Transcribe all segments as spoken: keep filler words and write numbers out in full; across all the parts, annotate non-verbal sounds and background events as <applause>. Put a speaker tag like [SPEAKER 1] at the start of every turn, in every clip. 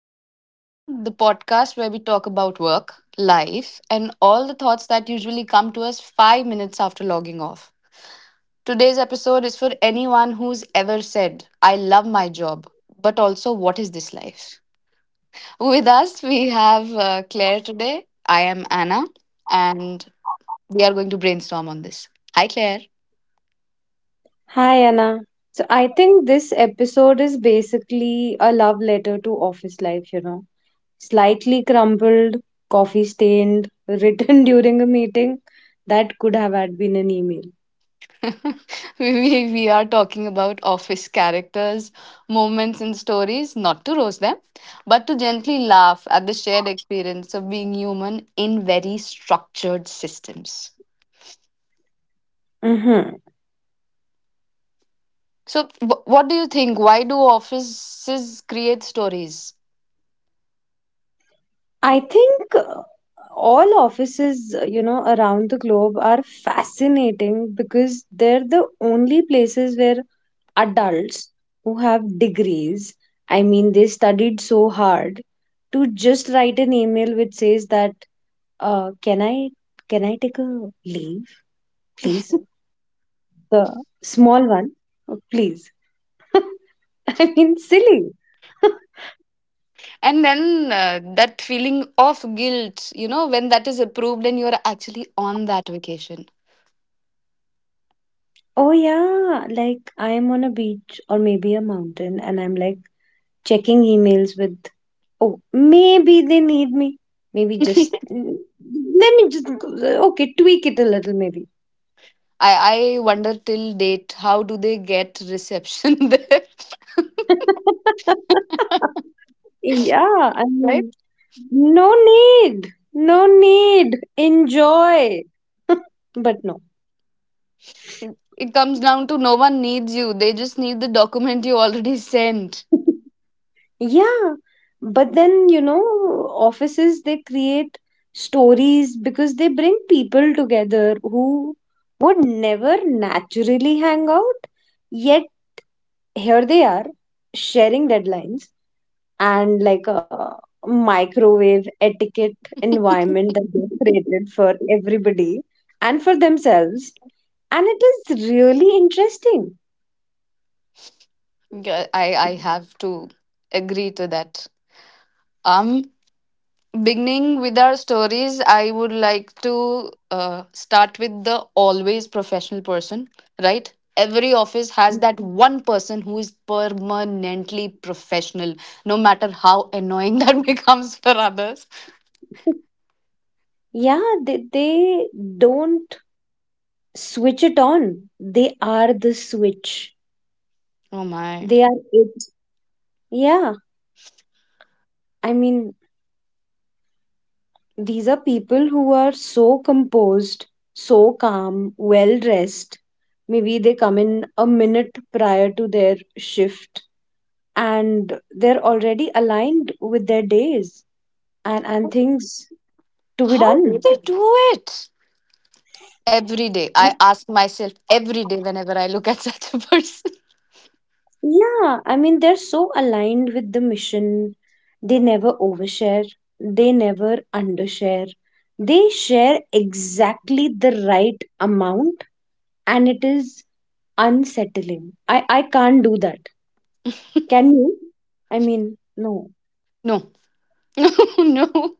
[SPEAKER 1] and Meaning, the podcast where we talk about work, life, and all the thoughts that usually come to us five minutes after logging off. Today's episode is for anyone who's ever said, I love my job, but also, what is this life? With us, we have uh, Claire today. I am Anna, and we are going to brainstorm on this. Hi, Claire.
[SPEAKER 2] Hi, Anna. So I think this episode is basically a love letter to office life, you know. Slightly crumpled, coffee stained, written <laughs> during a meeting that could have had been an email.
[SPEAKER 1] <laughs> we, we are talking about office characters, moments, and stories, not to roast them, but to gently laugh at the shared experience of being human in very structured systems.
[SPEAKER 2] Mm-hmm.
[SPEAKER 1] So, wh- what do you think? Why do offices create stories?
[SPEAKER 2] I think uh, all offices, uh, you know, around the globe are fascinating because they're the only places where adults who have degrees. I mean, they studied so hard to just write an email which says that, uh, can I can I take a leave, please? The small one, uh, please. <laughs> I mean, silly. <laughs>
[SPEAKER 1] And then uh, that feeling of guilt, you know, when that is approved and you're actually on that vacation.
[SPEAKER 2] Oh yeah, like I am on a beach or maybe a mountain, and I'm like checking emails with. Oh, maybe they need me. Maybe just mm, let me just go- okay, tweak it a little. Maybe.
[SPEAKER 1] I, I wonder till date how do they get reception <laughs>
[SPEAKER 2] Yeah, I
[SPEAKER 1] there?
[SPEAKER 2] mean, no need, no need, enjoy. <laughs> But no.
[SPEAKER 1] It it comes down to no one needs you. They just need the document you already sent.
[SPEAKER 2] Yeah, but then, you know, offices they create stories because they bring people together who would never naturally hang out, yet here they are sharing deadlines, and like a microwave etiquette environment that they created for everybody and for themselves. And it is really interesting.
[SPEAKER 1] Yeah, I, I have to agree to that. Um, Beginning with our stories, I would like to uh, start with the always professional person, right? Every office has that one person who is permanently professional, no matter how annoying <laughs> that becomes for others.
[SPEAKER 2] Yeah, they, they don't switch it on. They are the switch.
[SPEAKER 1] Oh my.
[SPEAKER 2] They are it. Yeah, I mean, these are people who are so composed, so calm, well dressed. Maybe they come in a minute prior to their shift and they're already aligned with their days and, and things to be
[SPEAKER 1] How do
[SPEAKER 2] done.
[SPEAKER 1] they do it? Every day. I ask myself every day whenever I look at <laughs> such a person. <laughs>
[SPEAKER 2] Yeah, I mean, they're so aligned with the mission. They never overshare, they never undershare. They share exactly the right amount, and it is unsettling. I, I can't do that. Can you? I mean, no.
[SPEAKER 1] No, <laughs> no, no.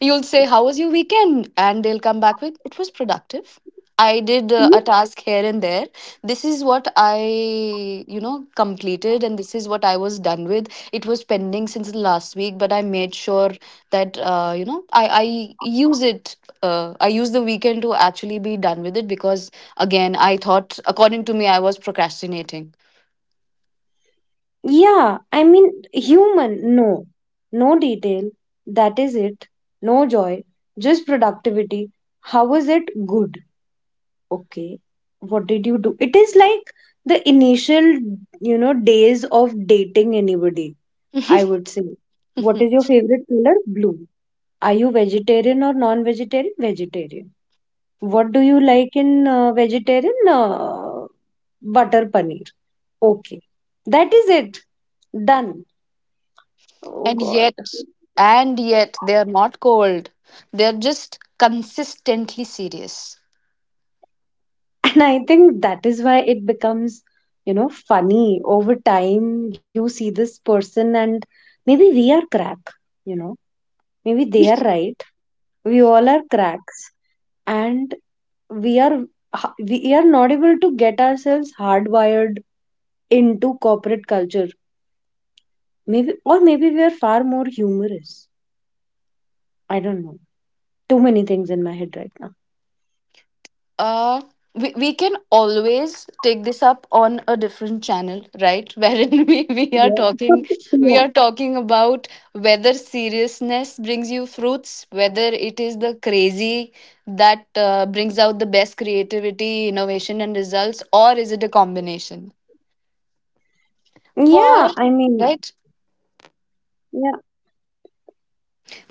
[SPEAKER 1] You'll say, How was your weekend? And they'll come back with, It was productive. I did uh, a task here and there. This is what I, you know, completed and this is what I was done with. It was pending since the last week, but I made sure that, uh, you know, I, I use it. Uh, I use the weekend to actually be done with it because, again, I thought, according to me, I was procrastinating.
[SPEAKER 2] Yeah, I mean, human, no. No detail, that is it. No joy, just productivity. How was it good? Okay, what did you do? It is like the initial, you know, days of dating anybody, I
[SPEAKER 1] <laughs>
[SPEAKER 2] would say. What is your
[SPEAKER 1] <laughs>
[SPEAKER 2] favorite color? Blue. Are you vegetarian or non-vegetarian? Vegetarian. What do you like in uh, vegetarian? Uh, butter paneer. Okay, that is it. Done. Oh
[SPEAKER 1] And
[SPEAKER 2] God.
[SPEAKER 1] yet, and yet, they are not cold. They're just consistently serious.
[SPEAKER 2] And I think that is why it becomes, you know, funny. Over time, you see this person, and maybe we are crack, you know, maybe they are right. We all are cracks, and we are ha- we are not able to get ourselves hardwired into corporate culture. Maybe, or maybe we are far more humorous. I don't know. Too many things in my head right now.
[SPEAKER 1] Uh, we, we can always take this up on a different channel, right? <laughs> Wherein we, we are
[SPEAKER 2] Yeah.
[SPEAKER 1] talking
[SPEAKER 2] <laughs> Yeah.
[SPEAKER 1] we are talking about whether seriousness brings you fruits, whether it is the crazy that uh, brings out the best creativity, innovation, and results, or is it a combination? For
[SPEAKER 2] Yeah, I mean,
[SPEAKER 1] right
[SPEAKER 2] yeah.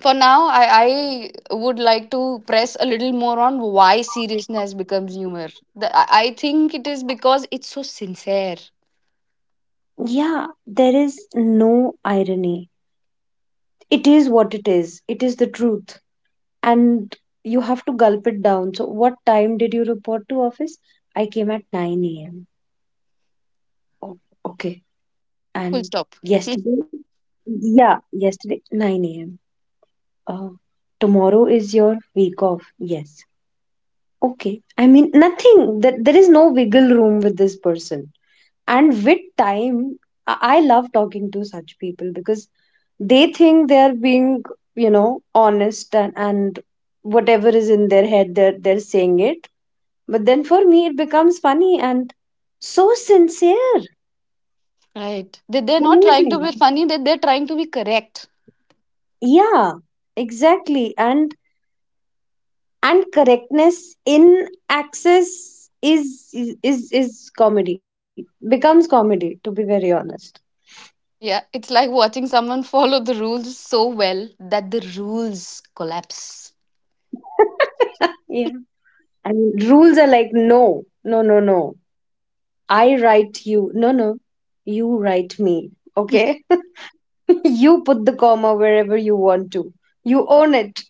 [SPEAKER 1] for now i i would like to press a little more on why seriousness becomes humor. the, i I think it is because it's so sincere,
[SPEAKER 2] Yeah, there is no irony. It is what it is. It is the truth. And you have to gulp it down. So, what time did you report to office? I came at nine a m. Oh, okay.
[SPEAKER 1] full
[SPEAKER 2] And
[SPEAKER 1] stop.
[SPEAKER 2] yesterday? Yeah, yesterday, nine a m. Uh, tomorrow is your week off. Yes. Okay. I mean, nothing. That there is no wiggle room with this person. And with time, I I love talking to such people because they think they're being, you know, honest and, and whatever is in their head they're, they're saying it, but then for me it becomes funny and so sincere.
[SPEAKER 1] <laughs> Right, they, they're not trying to
[SPEAKER 2] Amazing.
[SPEAKER 1] be funny that they're trying to be correct.
[SPEAKER 2] Yeah, exactly. And and correctness in access is is is comedy. Becomes comedy, to be very honest.
[SPEAKER 1] Yeah, it's like watching someone follow the rules so well that the rules collapse.
[SPEAKER 2] Yeah. And rules are like, no no no no, I write you, no no, you write me, okay, you put the comma wherever you want to, you own it.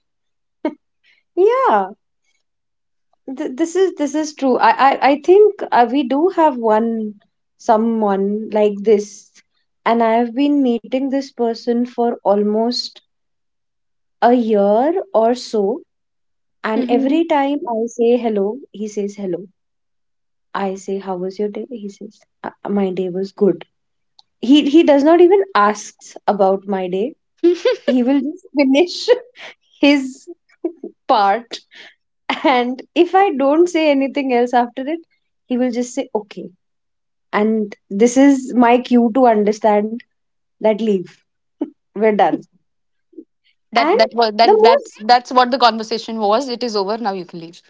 [SPEAKER 2] Yeah, th- this is, this is true. I i, I think uh, we do have one someone like this, and I have been meeting this person for almost a year or so. And every
[SPEAKER 1] Hmm.
[SPEAKER 2] time I say hello, he says hello. I say how was your day, he says, "Uh, my day was good." He he does not even asks about my day.
[SPEAKER 1] <laughs>
[SPEAKER 2] He will just finish <laughs> his part. And if I don't say anything else after it, he will just say, okay. And this is my cue to understand that leave. We're done.
[SPEAKER 1] that
[SPEAKER 2] And
[SPEAKER 1] that was
[SPEAKER 2] the
[SPEAKER 1] that that's
[SPEAKER 2] most,
[SPEAKER 1] that's what the conversation was. It is over now, you can leave.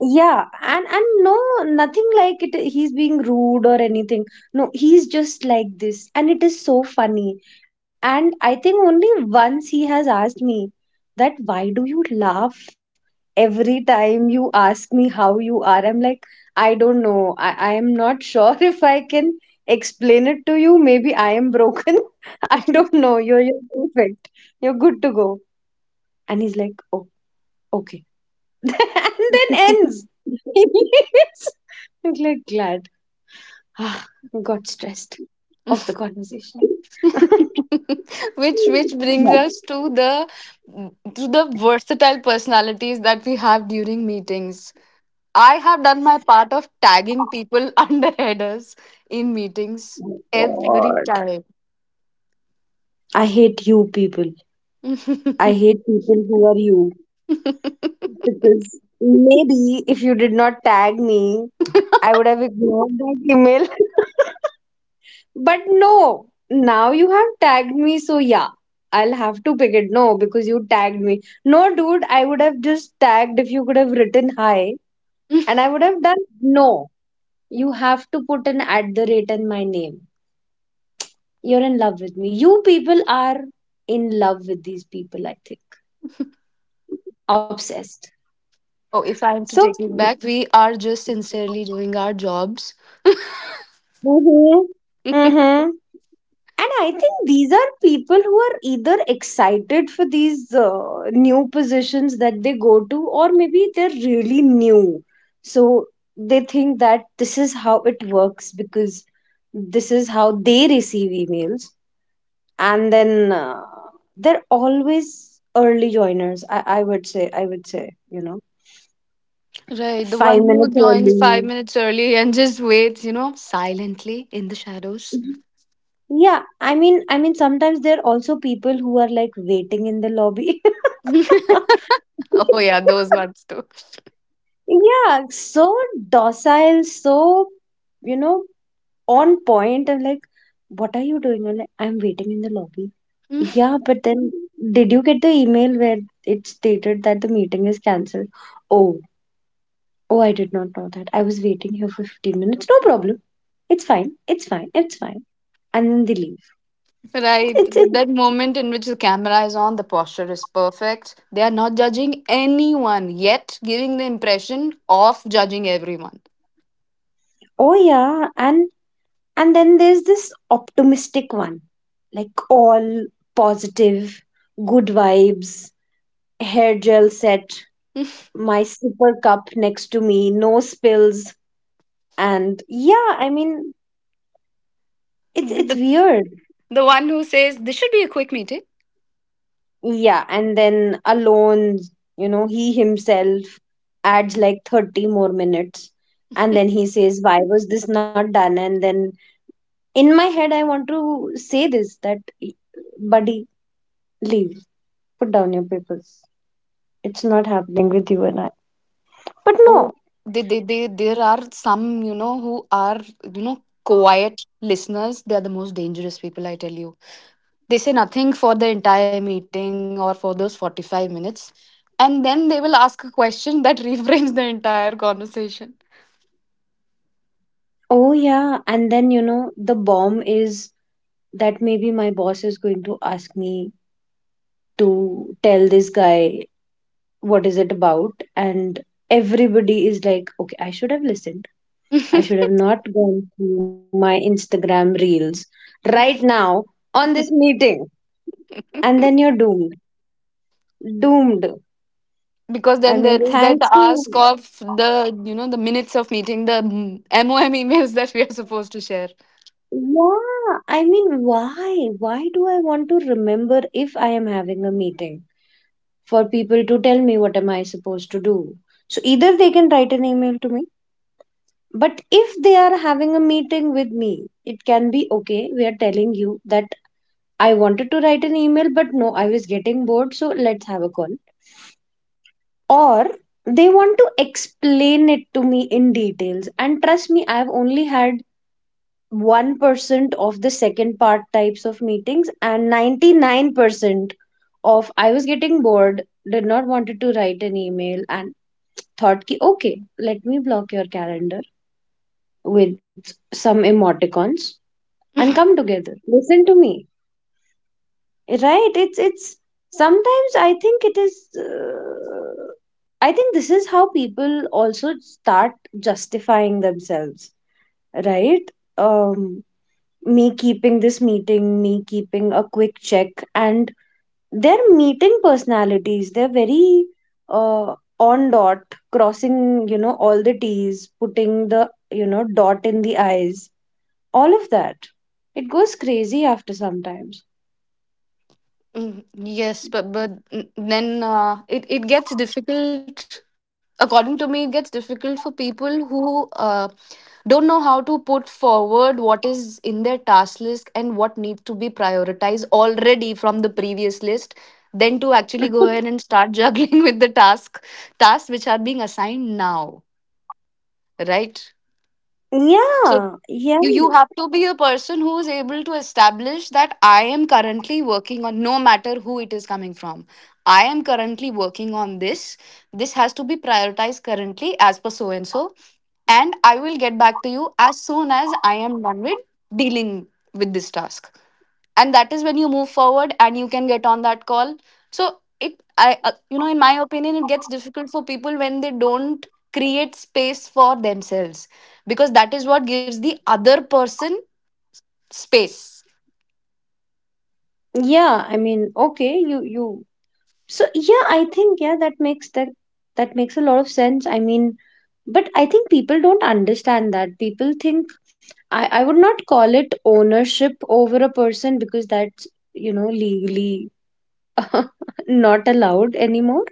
[SPEAKER 2] yeah, and and no, nothing like it he's being rude or anything. No, he's just like this, and it is so funny. And I think only once he has asked me that why do you laugh every time you ask me how you are. I'm like, I don't know. I, I am not sure <laughs> if I can explain it to you. Maybe I am broken. <laughs> I don't know, you're, you're perfect, you're good to go. And he's like, oh, okay. <laughs> And then ends. <laughs> I'm like glad. Ah, got stressed of the conversation. <laughs>
[SPEAKER 1] <laughs> which which brings
[SPEAKER 2] Yeah.
[SPEAKER 1] us to the to the versatile personalities that we have during meetings. I have done my part of tagging people <laughs> under headers in meetings every
[SPEAKER 2] God.
[SPEAKER 1] time.
[SPEAKER 2] I hate you people. I
[SPEAKER 1] <laughs>
[SPEAKER 2] hate people who are you. Because maybe if you did not tag me, I would have ignored that email. But no, now you have tagged me, so yeah, I'll have to pick it. No, because you tagged me. No, dude, I would have just tagged if you could have written hi, and I would have done no. You have to put an at the rate in my name. You're in love with me. You people are in love with these people, I think. Obsessed.
[SPEAKER 1] Oh, if I am
[SPEAKER 2] So,
[SPEAKER 1] to take it back, we are just sincerely doing our jobs.
[SPEAKER 2] mm-hmm.
[SPEAKER 1] <laughs>
[SPEAKER 2] And I think these are people who are either excited for these uh, new positions that they go to, or maybe they're really new, so they think that this is how it works because this is how they receive emails. And then uh, they're always early joiners. I, I would say i would say you know,
[SPEAKER 1] Right, the one
[SPEAKER 2] five
[SPEAKER 1] who
[SPEAKER 2] minutes
[SPEAKER 1] joins five
[SPEAKER 2] early.
[SPEAKER 1] minutes early and just waits, you know, silently in the shadows.
[SPEAKER 2] Yeah, I mean, I mean, sometimes there are also people who are like waiting in the lobby. <laughs>
[SPEAKER 1] <laughs> Oh yeah, those ones.
[SPEAKER 2] Yeah, so docile, so, you know, on point. I'm like, what are you doing? I'm like, I'm waiting in the lobby. Yeah,
[SPEAKER 1] <laughs>
[SPEAKER 2] but then did you get the email where it stated that the meeting is cancelled? Oh, oh, I did not know that. I was waiting here for fifteen minutes. No problem. It's fine. It's fine. It's fine. And then they leave. It's
[SPEAKER 1] Right,
[SPEAKER 2] it.
[SPEAKER 1] but that moment in which the camera is on, the posture is perfect. They are not judging anyone yet, giving the impression of judging everyone.
[SPEAKER 2] Oh yeah, and And then there's this optimistic one, like all positive, good vibes, hair gel set, my super cup next to me, no spills. And yeah, I mean, it's it's
[SPEAKER 1] The,
[SPEAKER 2] weird.
[SPEAKER 1] the one who says this should be a quick meeting.
[SPEAKER 2] Yeah, and then alone, you know, he himself adds like thirty more minutes. And then he says, why was this not done? And then in my head, I want to say this that, buddy, leave, put down your papers. It's not happening with you and I. But
[SPEAKER 1] Oh,
[SPEAKER 2] no,
[SPEAKER 1] they, they, they, there are some, you know, who are, you know, quiet listeners. They are the most dangerous people, I tell you. They say nothing for the entire meeting or for those forty-five minutes. And then they will ask a question that <laughs> reframes the entire conversation.
[SPEAKER 2] oh yeah, and then you know the bomb is that maybe my boss is going to ask me to tell this guy what is it about, and everybody is like, okay, I should have listened. I should have not gone through my Instagram reels right now on this meeting, and then you're doomed, doomed.
[SPEAKER 1] Because
[SPEAKER 2] I
[SPEAKER 1] then there
[SPEAKER 2] mean,
[SPEAKER 1] is that
[SPEAKER 2] thanks
[SPEAKER 1] ask
[SPEAKER 2] to,
[SPEAKER 1] of the, you know, the minutes of meeting, the mm, mom emails <laughs> that we are supposed to share.
[SPEAKER 2] yeah, I mean, why? Why do I want to remember if I am having a meeting for people to tell me what am I supposed to do? So either they can write an email to me, but if they are having a meeting with me, it can be okay. We are telling you that I wanted to write an email, but no, I was getting bored, so let's have a call. Or they want to explain it to me in details. And trust me, I've only had one percent of the second part types of meetings and ninety-nine percent of I was getting bored, did not wanted to write an email, and thought ki okay let me block your calendar with some emoticons and come together listen to me. Right, it's it's sometimes I think it is, uh, I think this is how people also start justifying themselves, right. Um, me keeping this meeting, me keeping a quick check, and they're meeting personalities. They're very uh, on dot, crossing, you know, all the T's, putting the, you know, dot in the I's, all of that. It goes crazy after sometimes.
[SPEAKER 1] Mm, yes but but mm, then uh, it, it gets difficult. According to me it gets difficult for people who uh, don't know how to put forward what is in their task list and what needs to be prioritized already from the previous list, then to actually go ahead
[SPEAKER 2] <laughs>
[SPEAKER 1] and start <laughs> juggling with the task tasks which are being assigned now, right? So
[SPEAKER 2] Yeah, yeah,
[SPEAKER 1] you you have to be a person who is able to establish that I am currently working on, no matter who it is coming from, I am currently working on this, this has to be prioritized currently as per so and so, and I will get back to you as soon as I am done with dealing with this task. And that is when you move forward and you can get on that call. So it, I uh, you know, in my opinion it gets difficult for people when they don't create space for themselves, because that is what gives the other person space.
[SPEAKER 2] yeah. I mean, okay, you, you. So yeah, I think yeah, that makes that that makes a lot of sense. I mean, but i think people don't understand that people think i, I would not call it ownership over a person because that's you know legally <laughs> not allowed anymore.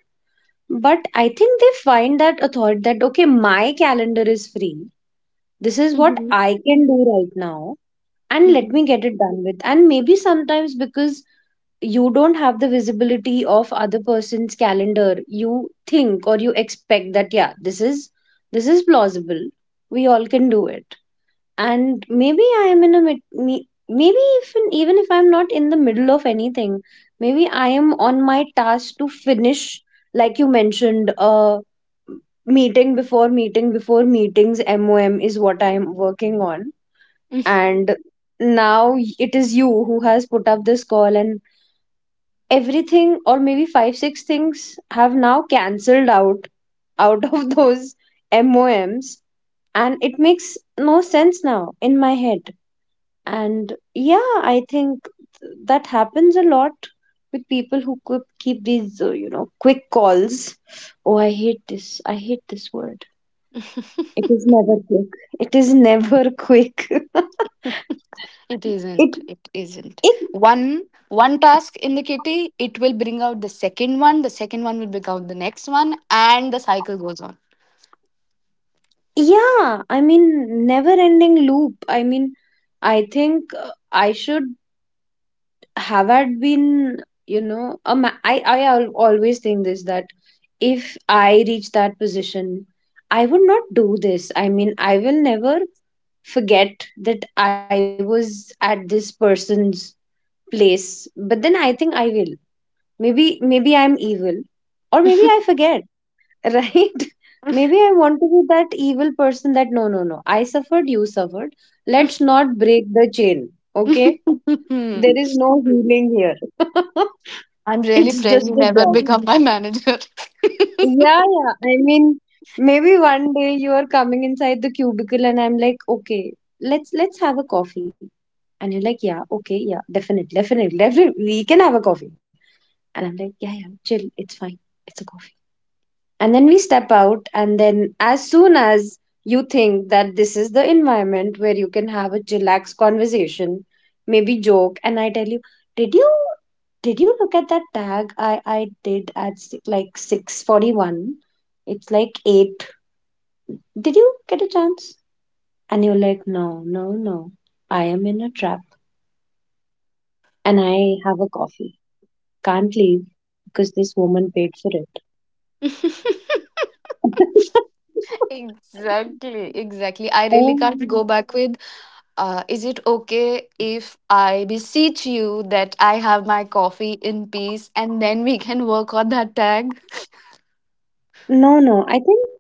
[SPEAKER 2] But I think they find that a thought that okay, my calendar is free, this is what
[SPEAKER 1] Mhm,
[SPEAKER 2] I can do right now, and let me
[SPEAKER 1] mhm.
[SPEAKER 2] get it done with. And maybe sometimes because you don't have the visibility of other person's calendar, you think or you expect that yeah, this is this is plausible, we all can do it. And maybe I am in a mid, me, maybe even even if I'm not in the middle of anything, maybe I am on my task to finish, like you mentioned. Uh meeting before meeting before meetings mom is what I'm working on. And now it is you who has put up this call, and everything, or maybe five six things have now cancelled out out of <laughs> those moms, and it makes no sense now in my head. And yeah, I think th- that happens a lot with people who could keep these uh, you know, quick calls. Oh, I hate this, I hate this word. It
[SPEAKER 1] <laughs>
[SPEAKER 2] is never quick, it is never <laughs> quick. it
[SPEAKER 1] It isn't, it isn't.
[SPEAKER 2] it
[SPEAKER 1] One one task in the kitty, it will bring out the second one, the second one will bring out the next one, and the cycle goes
[SPEAKER 2] Yeah, I mean, never ending loop. I mean, I think, uh, I should Havard been, you know, a ma- I, I al- always think this, that if I reach that position, I would not do this. I mean, I will never forget that I was at this person's place. But then I think I will. Maybe, maybe I'm evil, or maybe I forget, <laughs> right? Maybe I want to be that evil person that no, no, no. I suffered, you suffered. Let's not break the chain, okay? There
[SPEAKER 1] on.
[SPEAKER 2] is
[SPEAKER 1] <laughs>
[SPEAKER 2] no healing here. <laughs>
[SPEAKER 1] I'm really
[SPEAKER 2] It's
[SPEAKER 1] praying
[SPEAKER 2] just
[SPEAKER 1] you
[SPEAKER 2] a
[SPEAKER 1] never
[SPEAKER 2] job.
[SPEAKER 1] become my manager.
[SPEAKER 2] Yeah, yeah. I mean, maybe one day you are coming inside the cubicle and I'm like, okay, let's let's have a coffee. And you're like, yeah, okay, yeah, definitely, definitely, definitely, we can have a coffee. And I'm like, yeah, yeah, chill, it's fine, it's a coffee. And then we step out, and then as soon as you think that this is the environment where you can have a chillax conversation, maybe joke, and I tell you, did you did you look at that tag i i did at si- like six forty-one, it's like eight, did you get a chance? And you're like no, no no, I am in a trap, and I have a coffee, can't leave, because this woman paid for it.
[SPEAKER 1] <laughs>
[SPEAKER 2] <laughs>
[SPEAKER 1] Exactly, exactly. I really
[SPEAKER 2] Oh,
[SPEAKER 1] can't go back with, uh, is it okay if I beseech you that I have my coffee in peace and then we can work on that tag?
[SPEAKER 2] no, no. I think,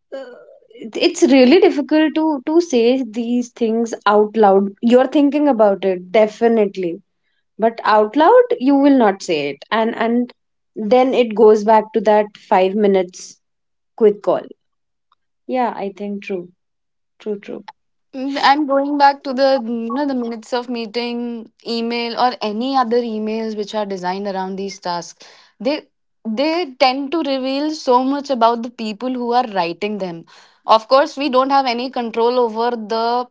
[SPEAKER 2] uh, it- it's really difficult to to say these things out loud. You're thinking about it, definitely. But out loud, you will not say it. And and then it goes back to that five minutes quick call. Yeah, I think true. True, true.
[SPEAKER 1] Mm, And going back to the, you know, the minutes of meeting email or any other emails which are designed around these tasks, they they tend to reveal so much about the people who are writing them. Of course, we don't have any control over the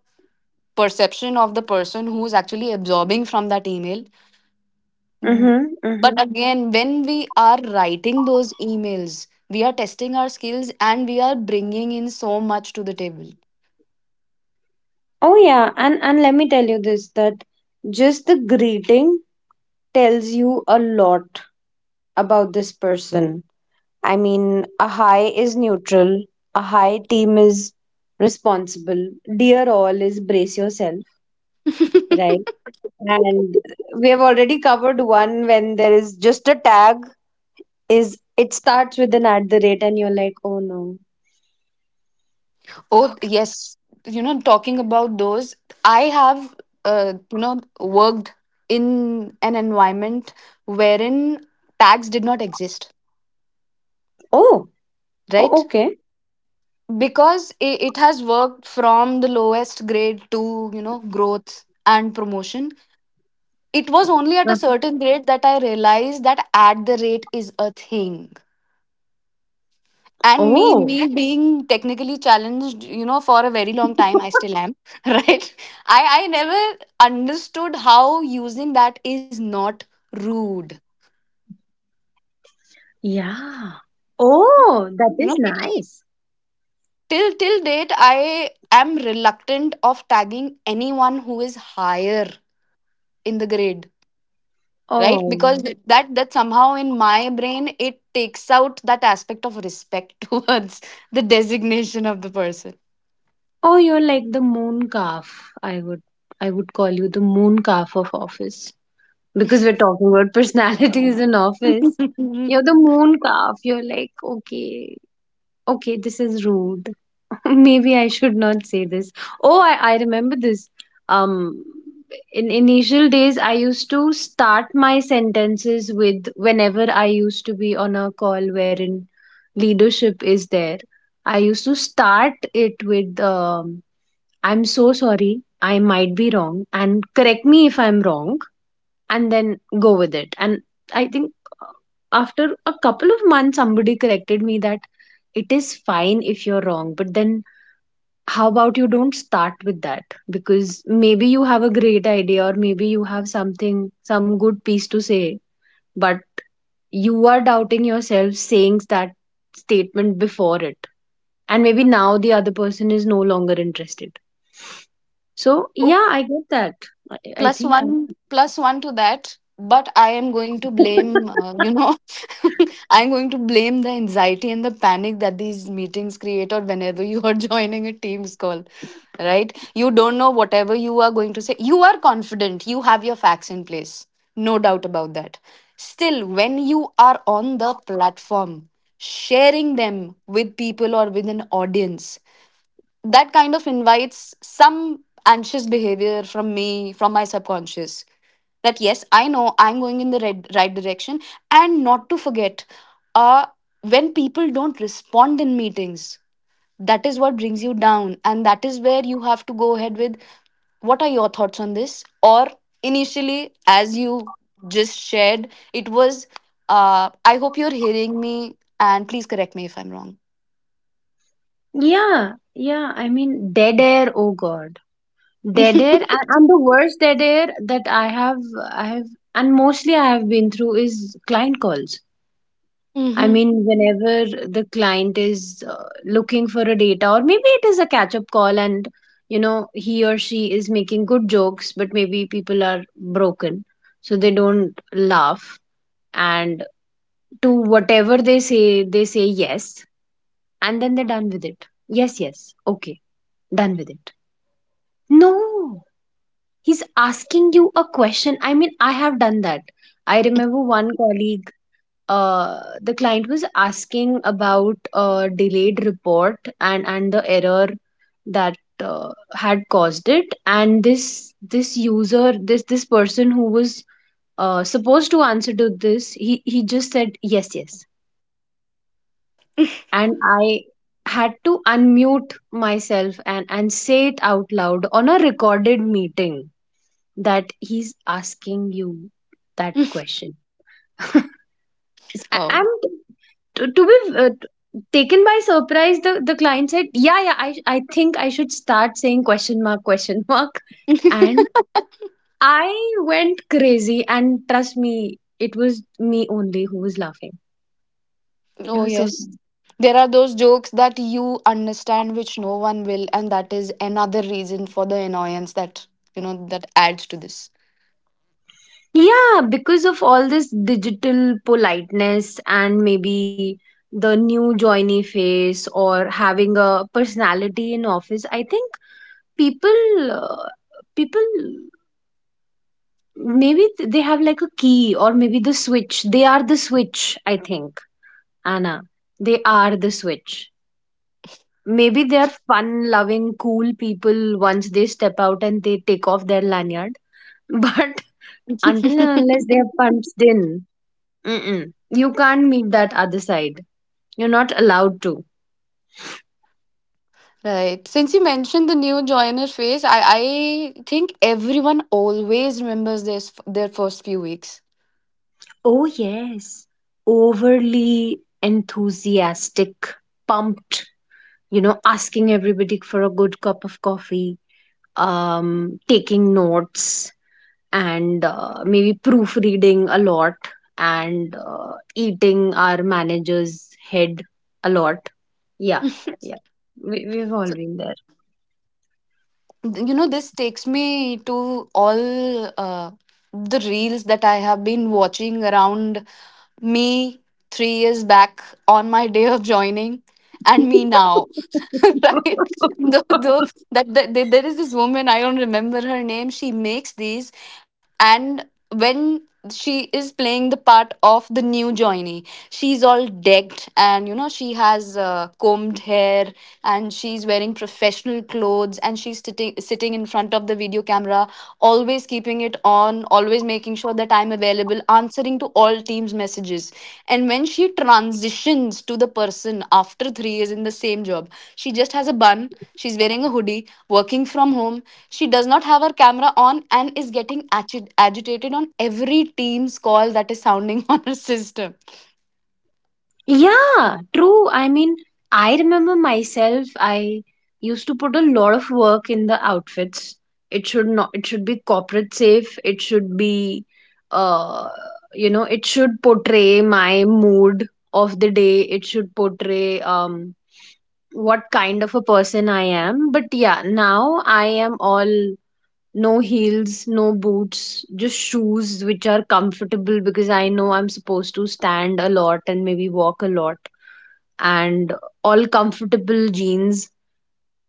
[SPEAKER 1] perception of the person who's actually absorbing from that email. Mm.
[SPEAKER 2] Mm-hmm.
[SPEAKER 1] But
[SPEAKER 2] Mm-hmm.
[SPEAKER 1] again, when we are writing those emails, we are testing our skills and we are bringing in so much to the table.
[SPEAKER 2] Oh yeah, and and let me tell you this, that just the greeting tells you a lot about this person. I mean, a high is neutral, a high team is responsible. Dear all is brace yourself,
[SPEAKER 1] <laughs>
[SPEAKER 2] right? And we have already covered one, when there is just a tag, is it starts with an at the rate and you're like, oh no.
[SPEAKER 1] Oh, yes. You know, talking about those, I have, uh, you know, worked in an environment wherein tags did not exist,
[SPEAKER 2] Oh, oh
[SPEAKER 1] right?
[SPEAKER 2] okay.
[SPEAKER 1] Because it, it has worked from the lowest grade to, you know, growth and promotion. It was only at a
[SPEAKER 2] Uh-huh.
[SPEAKER 1] certain grade that I realized that at the rate is a thing, and me me
[SPEAKER 2] Oh,
[SPEAKER 1] being technically challenged, you know, for a very long time I still
[SPEAKER 2] <laughs>
[SPEAKER 1] am. <laughs> Right, i i never understood how using that is not rude,
[SPEAKER 2] yeah.
[SPEAKER 1] you know.
[SPEAKER 2] Oh, that is nice.
[SPEAKER 1] Till till date I am reluctant of tagging anyone who is higher in the grade, right? Because,
[SPEAKER 2] Oh.
[SPEAKER 1] Mhm, that that somehow in my brain it takes out that aspect of respect <laughs> towards the designation of the
[SPEAKER 2] Oh, you're like the moon calf. I would I would call you the moon calf of office, because we're talking about <laughs> personalities in office. You're
[SPEAKER 1] person.
[SPEAKER 2] the moon calf. You're like, okay, okay, this is rude. <laughs> Maybe I should not say this. Oh, I, I remember this. Um, in initial days, I used to start my sentences with, whenever I used to be on a call wherein leadership is there, I used to start it with, um, I'm so sorry, I might be wrong, and correct me if I'm wrong, and then go with it. And I think after a couple of months, somebody corrected me that it is fine if you're wrong, but then how about you don't start with that? Because maybe you have a great idea, or maybe you have something, some good piece to say, but you are doubting yourself saying that statement before it. And maybe now the other person is no longer interested. So, yeah,
[SPEAKER 1] <laughs>
[SPEAKER 2] I get that. I, I
[SPEAKER 1] Plus
[SPEAKER 2] think
[SPEAKER 1] one, plus one to that. But I am going to
[SPEAKER 2] I. <laughs>
[SPEAKER 1] blame, uh, you know, <laughs> I'm going to blame the anxiety and the panic that these meetings create, or whenever you are <laughs> joining a team's call, right? You don't know, whatever you are going to say, you are confident, you have your facts in place, no doubt about that. Still when you are on the platform sharing them with people or with an audience, that kind of invites some anxious behavior from me, from my subconscious, that yes, I know I'm going in the right, right direction. And not to forget, uh when people don't respond in meetings, that is what brings you down, and that is where you have to go ahead with, what are your thoughts on this? Or initially, as you just shared, it was, uh I hope you're hearing me, and please correct me if I'm wrong.
[SPEAKER 2] Yeah, yeah. I mean, dead air. Oh God,
[SPEAKER 1] <laughs>
[SPEAKER 2] dead air, and, and the worst dead air that I have, I have, and mostly I have been through, is client calls. I
[SPEAKER 1] Mm-hmm.
[SPEAKER 2] mean, whenever the client is uh, looking for a data, or maybe it is a catch-up call, and you know, he or she is making good jokes, but maybe people are broken, so they don't laugh, and to whatever they say, they say yes, and then they're done with it. Yes, yes, okay, done with it. No, he's asking you a question. I mean, I have done that. I remember one colleague, uh, the client was asking about uh, delayed report and and the error that uh, had caused it. And this this user, this this person who was uh, supposed to answer to this, he he just said yes, yes. And I had to unmute myself and and say it out loud on a recorded meeting that he's asking you that
[SPEAKER 1] <laughs>
[SPEAKER 2] question. <laughs> I-
[SPEAKER 1] Oh.
[SPEAKER 2] I'm to, to be uh, t- taken by surprise. The the client said, "Yeah, yeah, I I think I should start saying question mark, question mark,"
[SPEAKER 1] <laughs>
[SPEAKER 2] and I went crazy. And trust me, it was me only who was laughing. It
[SPEAKER 1] Oh,
[SPEAKER 2] was so
[SPEAKER 1] yes.
[SPEAKER 2] sad.
[SPEAKER 1] There are those jokes that you understand which no one will, and that is another reason for the annoyance that, you know, that adds to this.
[SPEAKER 2] Yeah, because of all this digital politeness, and maybe the new joiny face or having a personality in office, I think people, uh, people maybe th- they have like a key, or maybe the switch. They are the switch, I think, Anna. They are the switch. Maybe they are fun loving, cool people once they step out and they take off their lanyard. <laughs> But until and
[SPEAKER 1] <laughs>
[SPEAKER 2] unless they are punched in, mm-mm, you can't meet that other side. You're not allowed to.
[SPEAKER 1] Right. Since you mentioned the new joiner phase, I, I think everyone always remembers this, their first few weeks.
[SPEAKER 2] Oh, yes. Overly enthusiastic, pumped, you know, asking everybody for a good cup of coffee, um, taking notes, and uh, maybe proofreading a lot, and uh, eating our manager's head a lot. Yeah, yeah. We, we've all
[SPEAKER 1] So,
[SPEAKER 2] been
[SPEAKER 1] you know, this takes me to all uh, the reels that I have been watching around me three years back on my day of joining and me now. <laughs> Right? Though,
[SPEAKER 2] there.
[SPEAKER 1] though
[SPEAKER 2] <laughs>
[SPEAKER 1] That, that there there is this woman, I don't remember her name. She makes these, and when she is playing the part of the new joinee, she's all decked, and you know she has uh, combed hair, and she's wearing professional clothes, and she's sitting sitting in front of the video camera, always keeping it on, always making sure that I'm available, answering to all teams messages. And when she transitions to the person after three years in the same job, she just has a bun, she's wearing a hoodie, working from home, she does not have her camera on and is getting agi- agitated on every team's call that is sounding <laughs> on her system.
[SPEAKER 2] Yeah, true. I mean, I remember myself, I used to put a lot of work in the outfits. It should not, it should be corporate safe. It should be, uh, you know, it should portray my mood of the day. It should portray, um, what kind of a person I am. But yeah, now I am all no heels, no boots, just shoes which are comfortable, because I know I'm supposed to stand a lot and maybe walk a lot, and all comfortable jeans,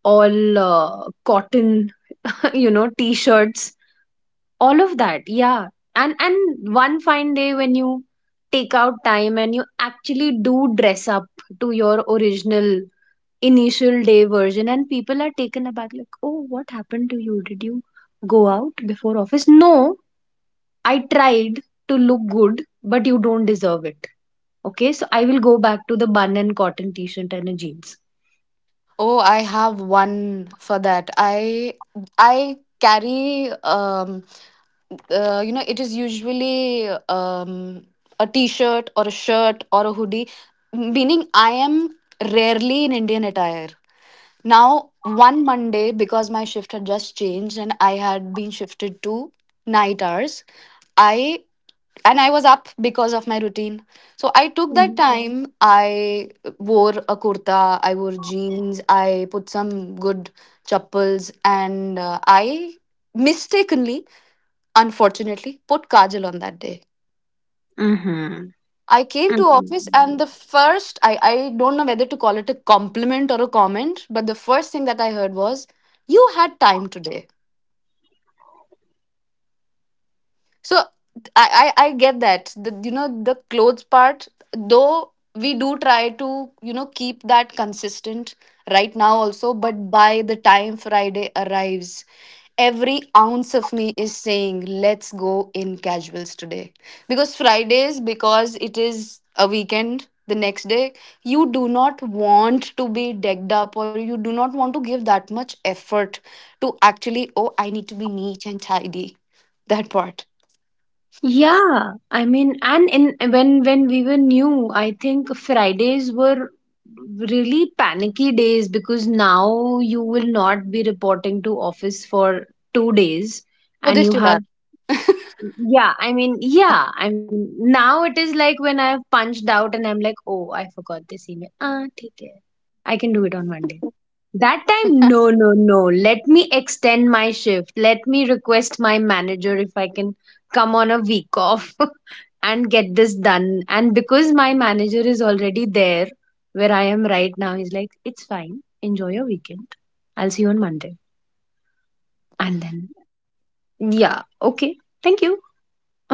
[SPEAKER 2] all uh, cotton, <laughs> you know, t-shirts, all of that. Yeah. And and one fine day when you take out time and you actually do dress up to your original initial day version, and people are taken aback like, "Oh, what happened to you? Did you go out before office?" No, I tried to look good, but you don't deserve it. Okay, so I will go back to the bun and cotton t-shirt and a jeans.
[SPEAKER 1] Oh, I have one for that. I I carry um uh, you know, it is usually um a t-shirt or a shirt or a hoodie, meaning I am rarely in Indian attire. Now one Monday, because my shift had just changed and I had been shifted to night hours, I and I was up because of my routine. So I took that time. I wore a kurta, I wore jeans, I put some good chappals, and uh, I mistakenly, unfortunately, put kajal on that day.
[SPEAKER 2] Mm-hmm.
[SPEAKER 1] I came to office
[SPEAKER 2] Mm-hmm.
[SPEAKER 1] and the first, I, I don't know whether to call it a compliment or a comment, but the first thing that I heard was, You had time today. So I, I I get that. The, you know, the clothes part, though we do try to, you know, keep that consistent right now also. But by the time Friday arrives, every ounce of me is saying let's go in casuals today, because Fridays, because it is a weekend. The next day, you do not want to be decked up, or you do not want to give that much effort to actually, oh, I need to be neat and tidy. That part.
[SPEAKER 2] Yeah, I mean, and in when when we were new, I think Fridays were really panicky days, because now you will not be reporting to office for two days,
[SPEAKER 1] Oh,
[SPEAKER 2] and
[SPEAKER 1] they
[SPEAKER 2] you
[SPEAKER 1] still
[SPEAKER 2] have
[SPEAKER 1] are.
[SPEAKER 2] yeah, I mean, yeah, I mean, now it is like when I have punched out and I'm like, oh, I forgot this email. Ah, okay. I can do it on Monday. That
[SPEAKER 1] <laughs>
[SPEAKER 2] time, no, no, no. Let me extend my shift. Let me request my manager if I can come on a week off <laughs> and get this done. And because my manager is already there where I am right now, he's like, it's fine. Enjoy your weekend. I'll see you on Monday. And then, yeah, okay. Thank you.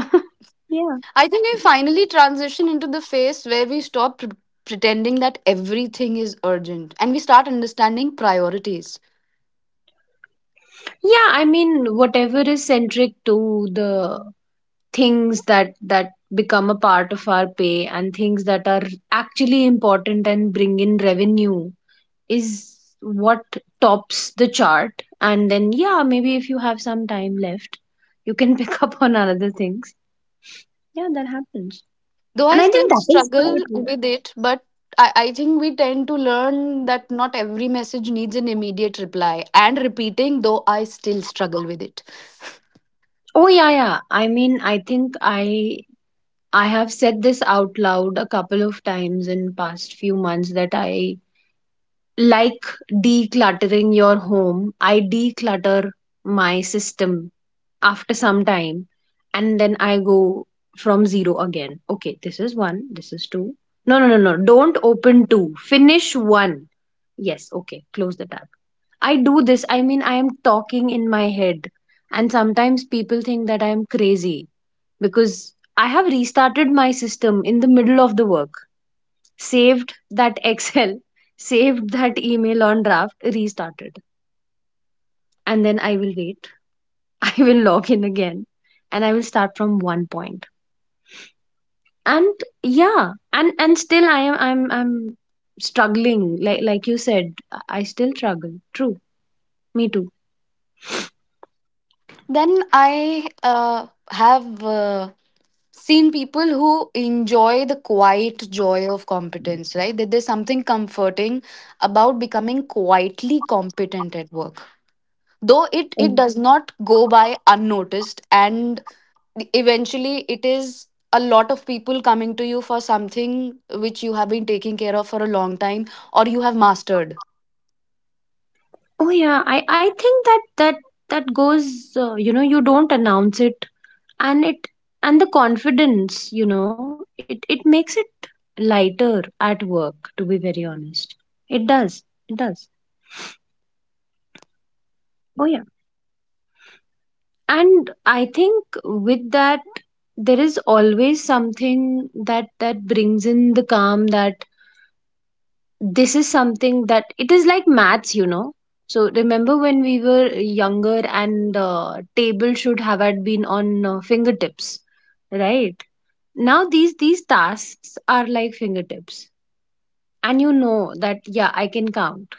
[SPEAKER 2] <laughs> Yeah.
[SPEAKER 1] I think we finally transition into the phase where we stop pre- pretending that everything is urgent and we start understanding priorities.
[SPEAKER 2] Yeah, I mean, whatever is centric to the things that that become a part of our pay, and things that are actually important and bring in revenue, is what tops the chart. And then yeah, maybe if you have some time left, you can <laughs> pick up on other things. Yeah, that happens,
[SPEAKER 1] Though
[SPEAKER 2] and
[SPEAKER 1] I
[SPEAKER 2] I think
[SPEAKER 1] still
[SPEAKER 2] that is how it
[SPEAKER 1] struggle
[SPEAKER 2] works.
[SPEAKER 1] with it. But I, I think we tend to learn that not every message needs an immediate reply and repeating, though I still struggle with it. <laughs>
[SPEAKER 2] Oh yeah, yeah, I mean, I think i I have said this out loud a couple of times in past few months, that I, like decluttering your home, I declutter my system after some time, and then I go from zero again. Okay, this is one, this is two. No, no, no, no. Don't open two. Finish one. Yes, okay, close the tab. I do this, I mean, I am talking in my head. And sometimes people think that I am crazy because I have restarted my system in the middle of the work, saved that <laughs> Excel, saved that email on draft, restarted. And then I will wait. <laughs> I will log in again, and I will start from one point. And yeah, and and still I am I'm I'm struggling. Like like you said, I still struggle. True. Me too.
[SPEAKER 1] Then I uh, have. Uh, seen people who enjoy the quiet joy of competence, right? That there's something comforting about becoming quietly competent at work. Though it, it
[SPEAKER 2] Mm.
[SPEAKER 1] does not go by unnoticed, and eventually it is a lot of people coming to you for something which you have been taking care of for a long time or you have mastered.
[SPEAKER 2] Oh yeah, I I think that that that goes, uh, you know, you don't announce it, and it and the confidence, you know, it it makes it lighter at work, to be very honest. It does. It does. Oh yeah. And I think with that, there is always something that that brings in the calm, that this is something that, it is like maths, you know. So remember when we were younger, and uh, table should have had been on uh, fingertips, right? Now these these tasks are like fingertips, and you know that yeah, I can count.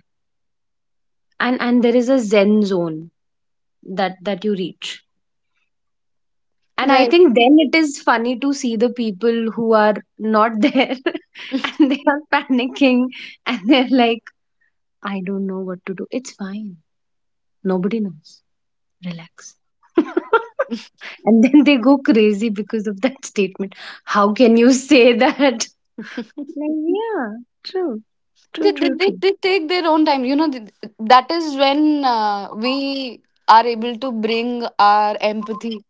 [SPEAKER 2] And and there is a zen zone that that you reach. And I
[SPEAKER 1] Right.
[SPEAKER 2] think then it is funny to see the people who are not there.
[SPEAKER 1] <laughs> they,
[SPEAKER 2] <laughs> And they are panicking, and they're like, I don't know what to do, it's fine, nobody knows, relax. <laughs> And then they go crazy because of that statement, how can you say that? <laughs> Like, yeah, true, true,
[SPEAKER 1] they,
[SPEAKER 2] true,
[SPEAKER 1] they,
[SPEAKER 2] true.
[SPEAKER 1] they take their own time. You know, th- that is when uh, we are able to bring our empathy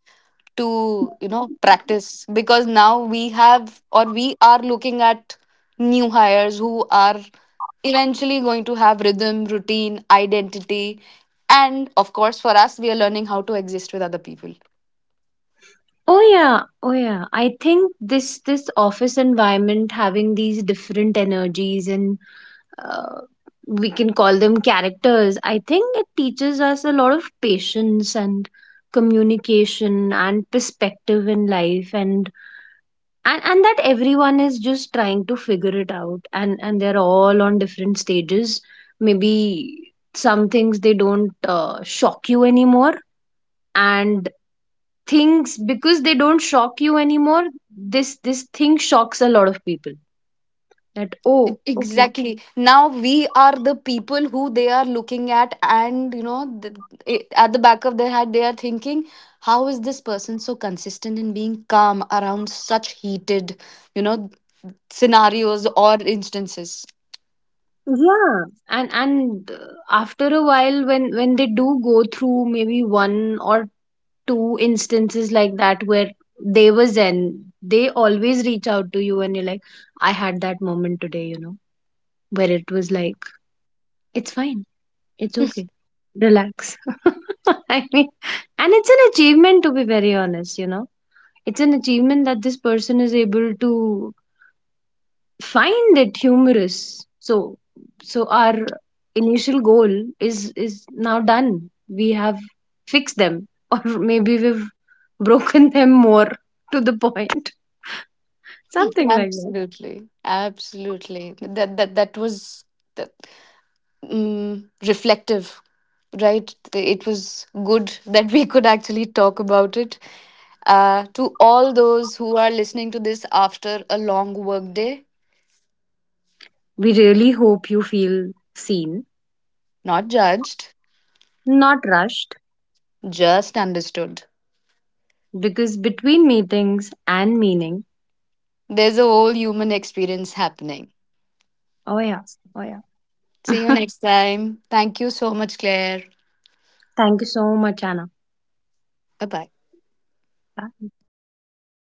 [SPEAKER 1] to, you know, practice, because now we have, or we are looking at new hires who are eventually going to have rhythm, routine, identity. And of course, for us, we are learning how to exist with other people.
[SPEAKER 2] Oh yeah, oh yeah. I think this this office environment having these different energies, and uh, we can call them characters. I think it teaches us a lot of patience, and communication, and perspective in life, and and and that everyone is just trying to figure it out, and and they're all on different stages. Maybe some things they don't uh, shock you anymore, and things, because they don't shock you anymore, this this thing shocks a lot of people, that
[SPEAKER 1] E-
[SPEAKER 2] oh okay.
[SPEAKER 1] exactly, now we are the people who they are looking at, and you know th- it- at the back of their head they are thinking, how is this person so consistent in being calm around such heated, you know, scenarios or instances.
[SPEAKER 2] Yeah. And and uh, after a while, when when they do go through maybe one or two instances like that, where they were zen, they always reach out to you and you're like, I had that moment today, you know, where it was like, it's fine, it's okay, relax. <laughs> I mean, and it's an achievement, to be very honest, you know, it's an achievement that this person is able to find it humorous. So so our initial goal is is now done. We have fixed them, <laughs> or maybe we've broken <laughs> them more, to the point, <laughs> something like that.
[SPEAKER 1] Absolutely, absolutely. That that that was that, um, reflective, right? It was good <laughs> that we could actually talk about it. Uh, to all those who are listening to this after a long work day,
[SPEAKER 2] We really hope you feel seen,
[SPEAKER 1] not judged,
[SPEAKER 2] not rushed,
[SPEAKER 1] just understood.
[SPEAKER 2] because between meetings and meaning,
[SPEAKER 1] There's a whole human experience happening.
[SPEAKER 2] oh yeah, oh
[SPEAKER 1] See you
[SPEAKER 2] yeah.
[SPEAKER 1] next
[SPEAKER 2] <laughs>
[SPEAKER 1] time. Thank you so much, Claire.
[SPEAKER 2] Thank you so much, Anna.
[SPEAKER 1] Bye bye.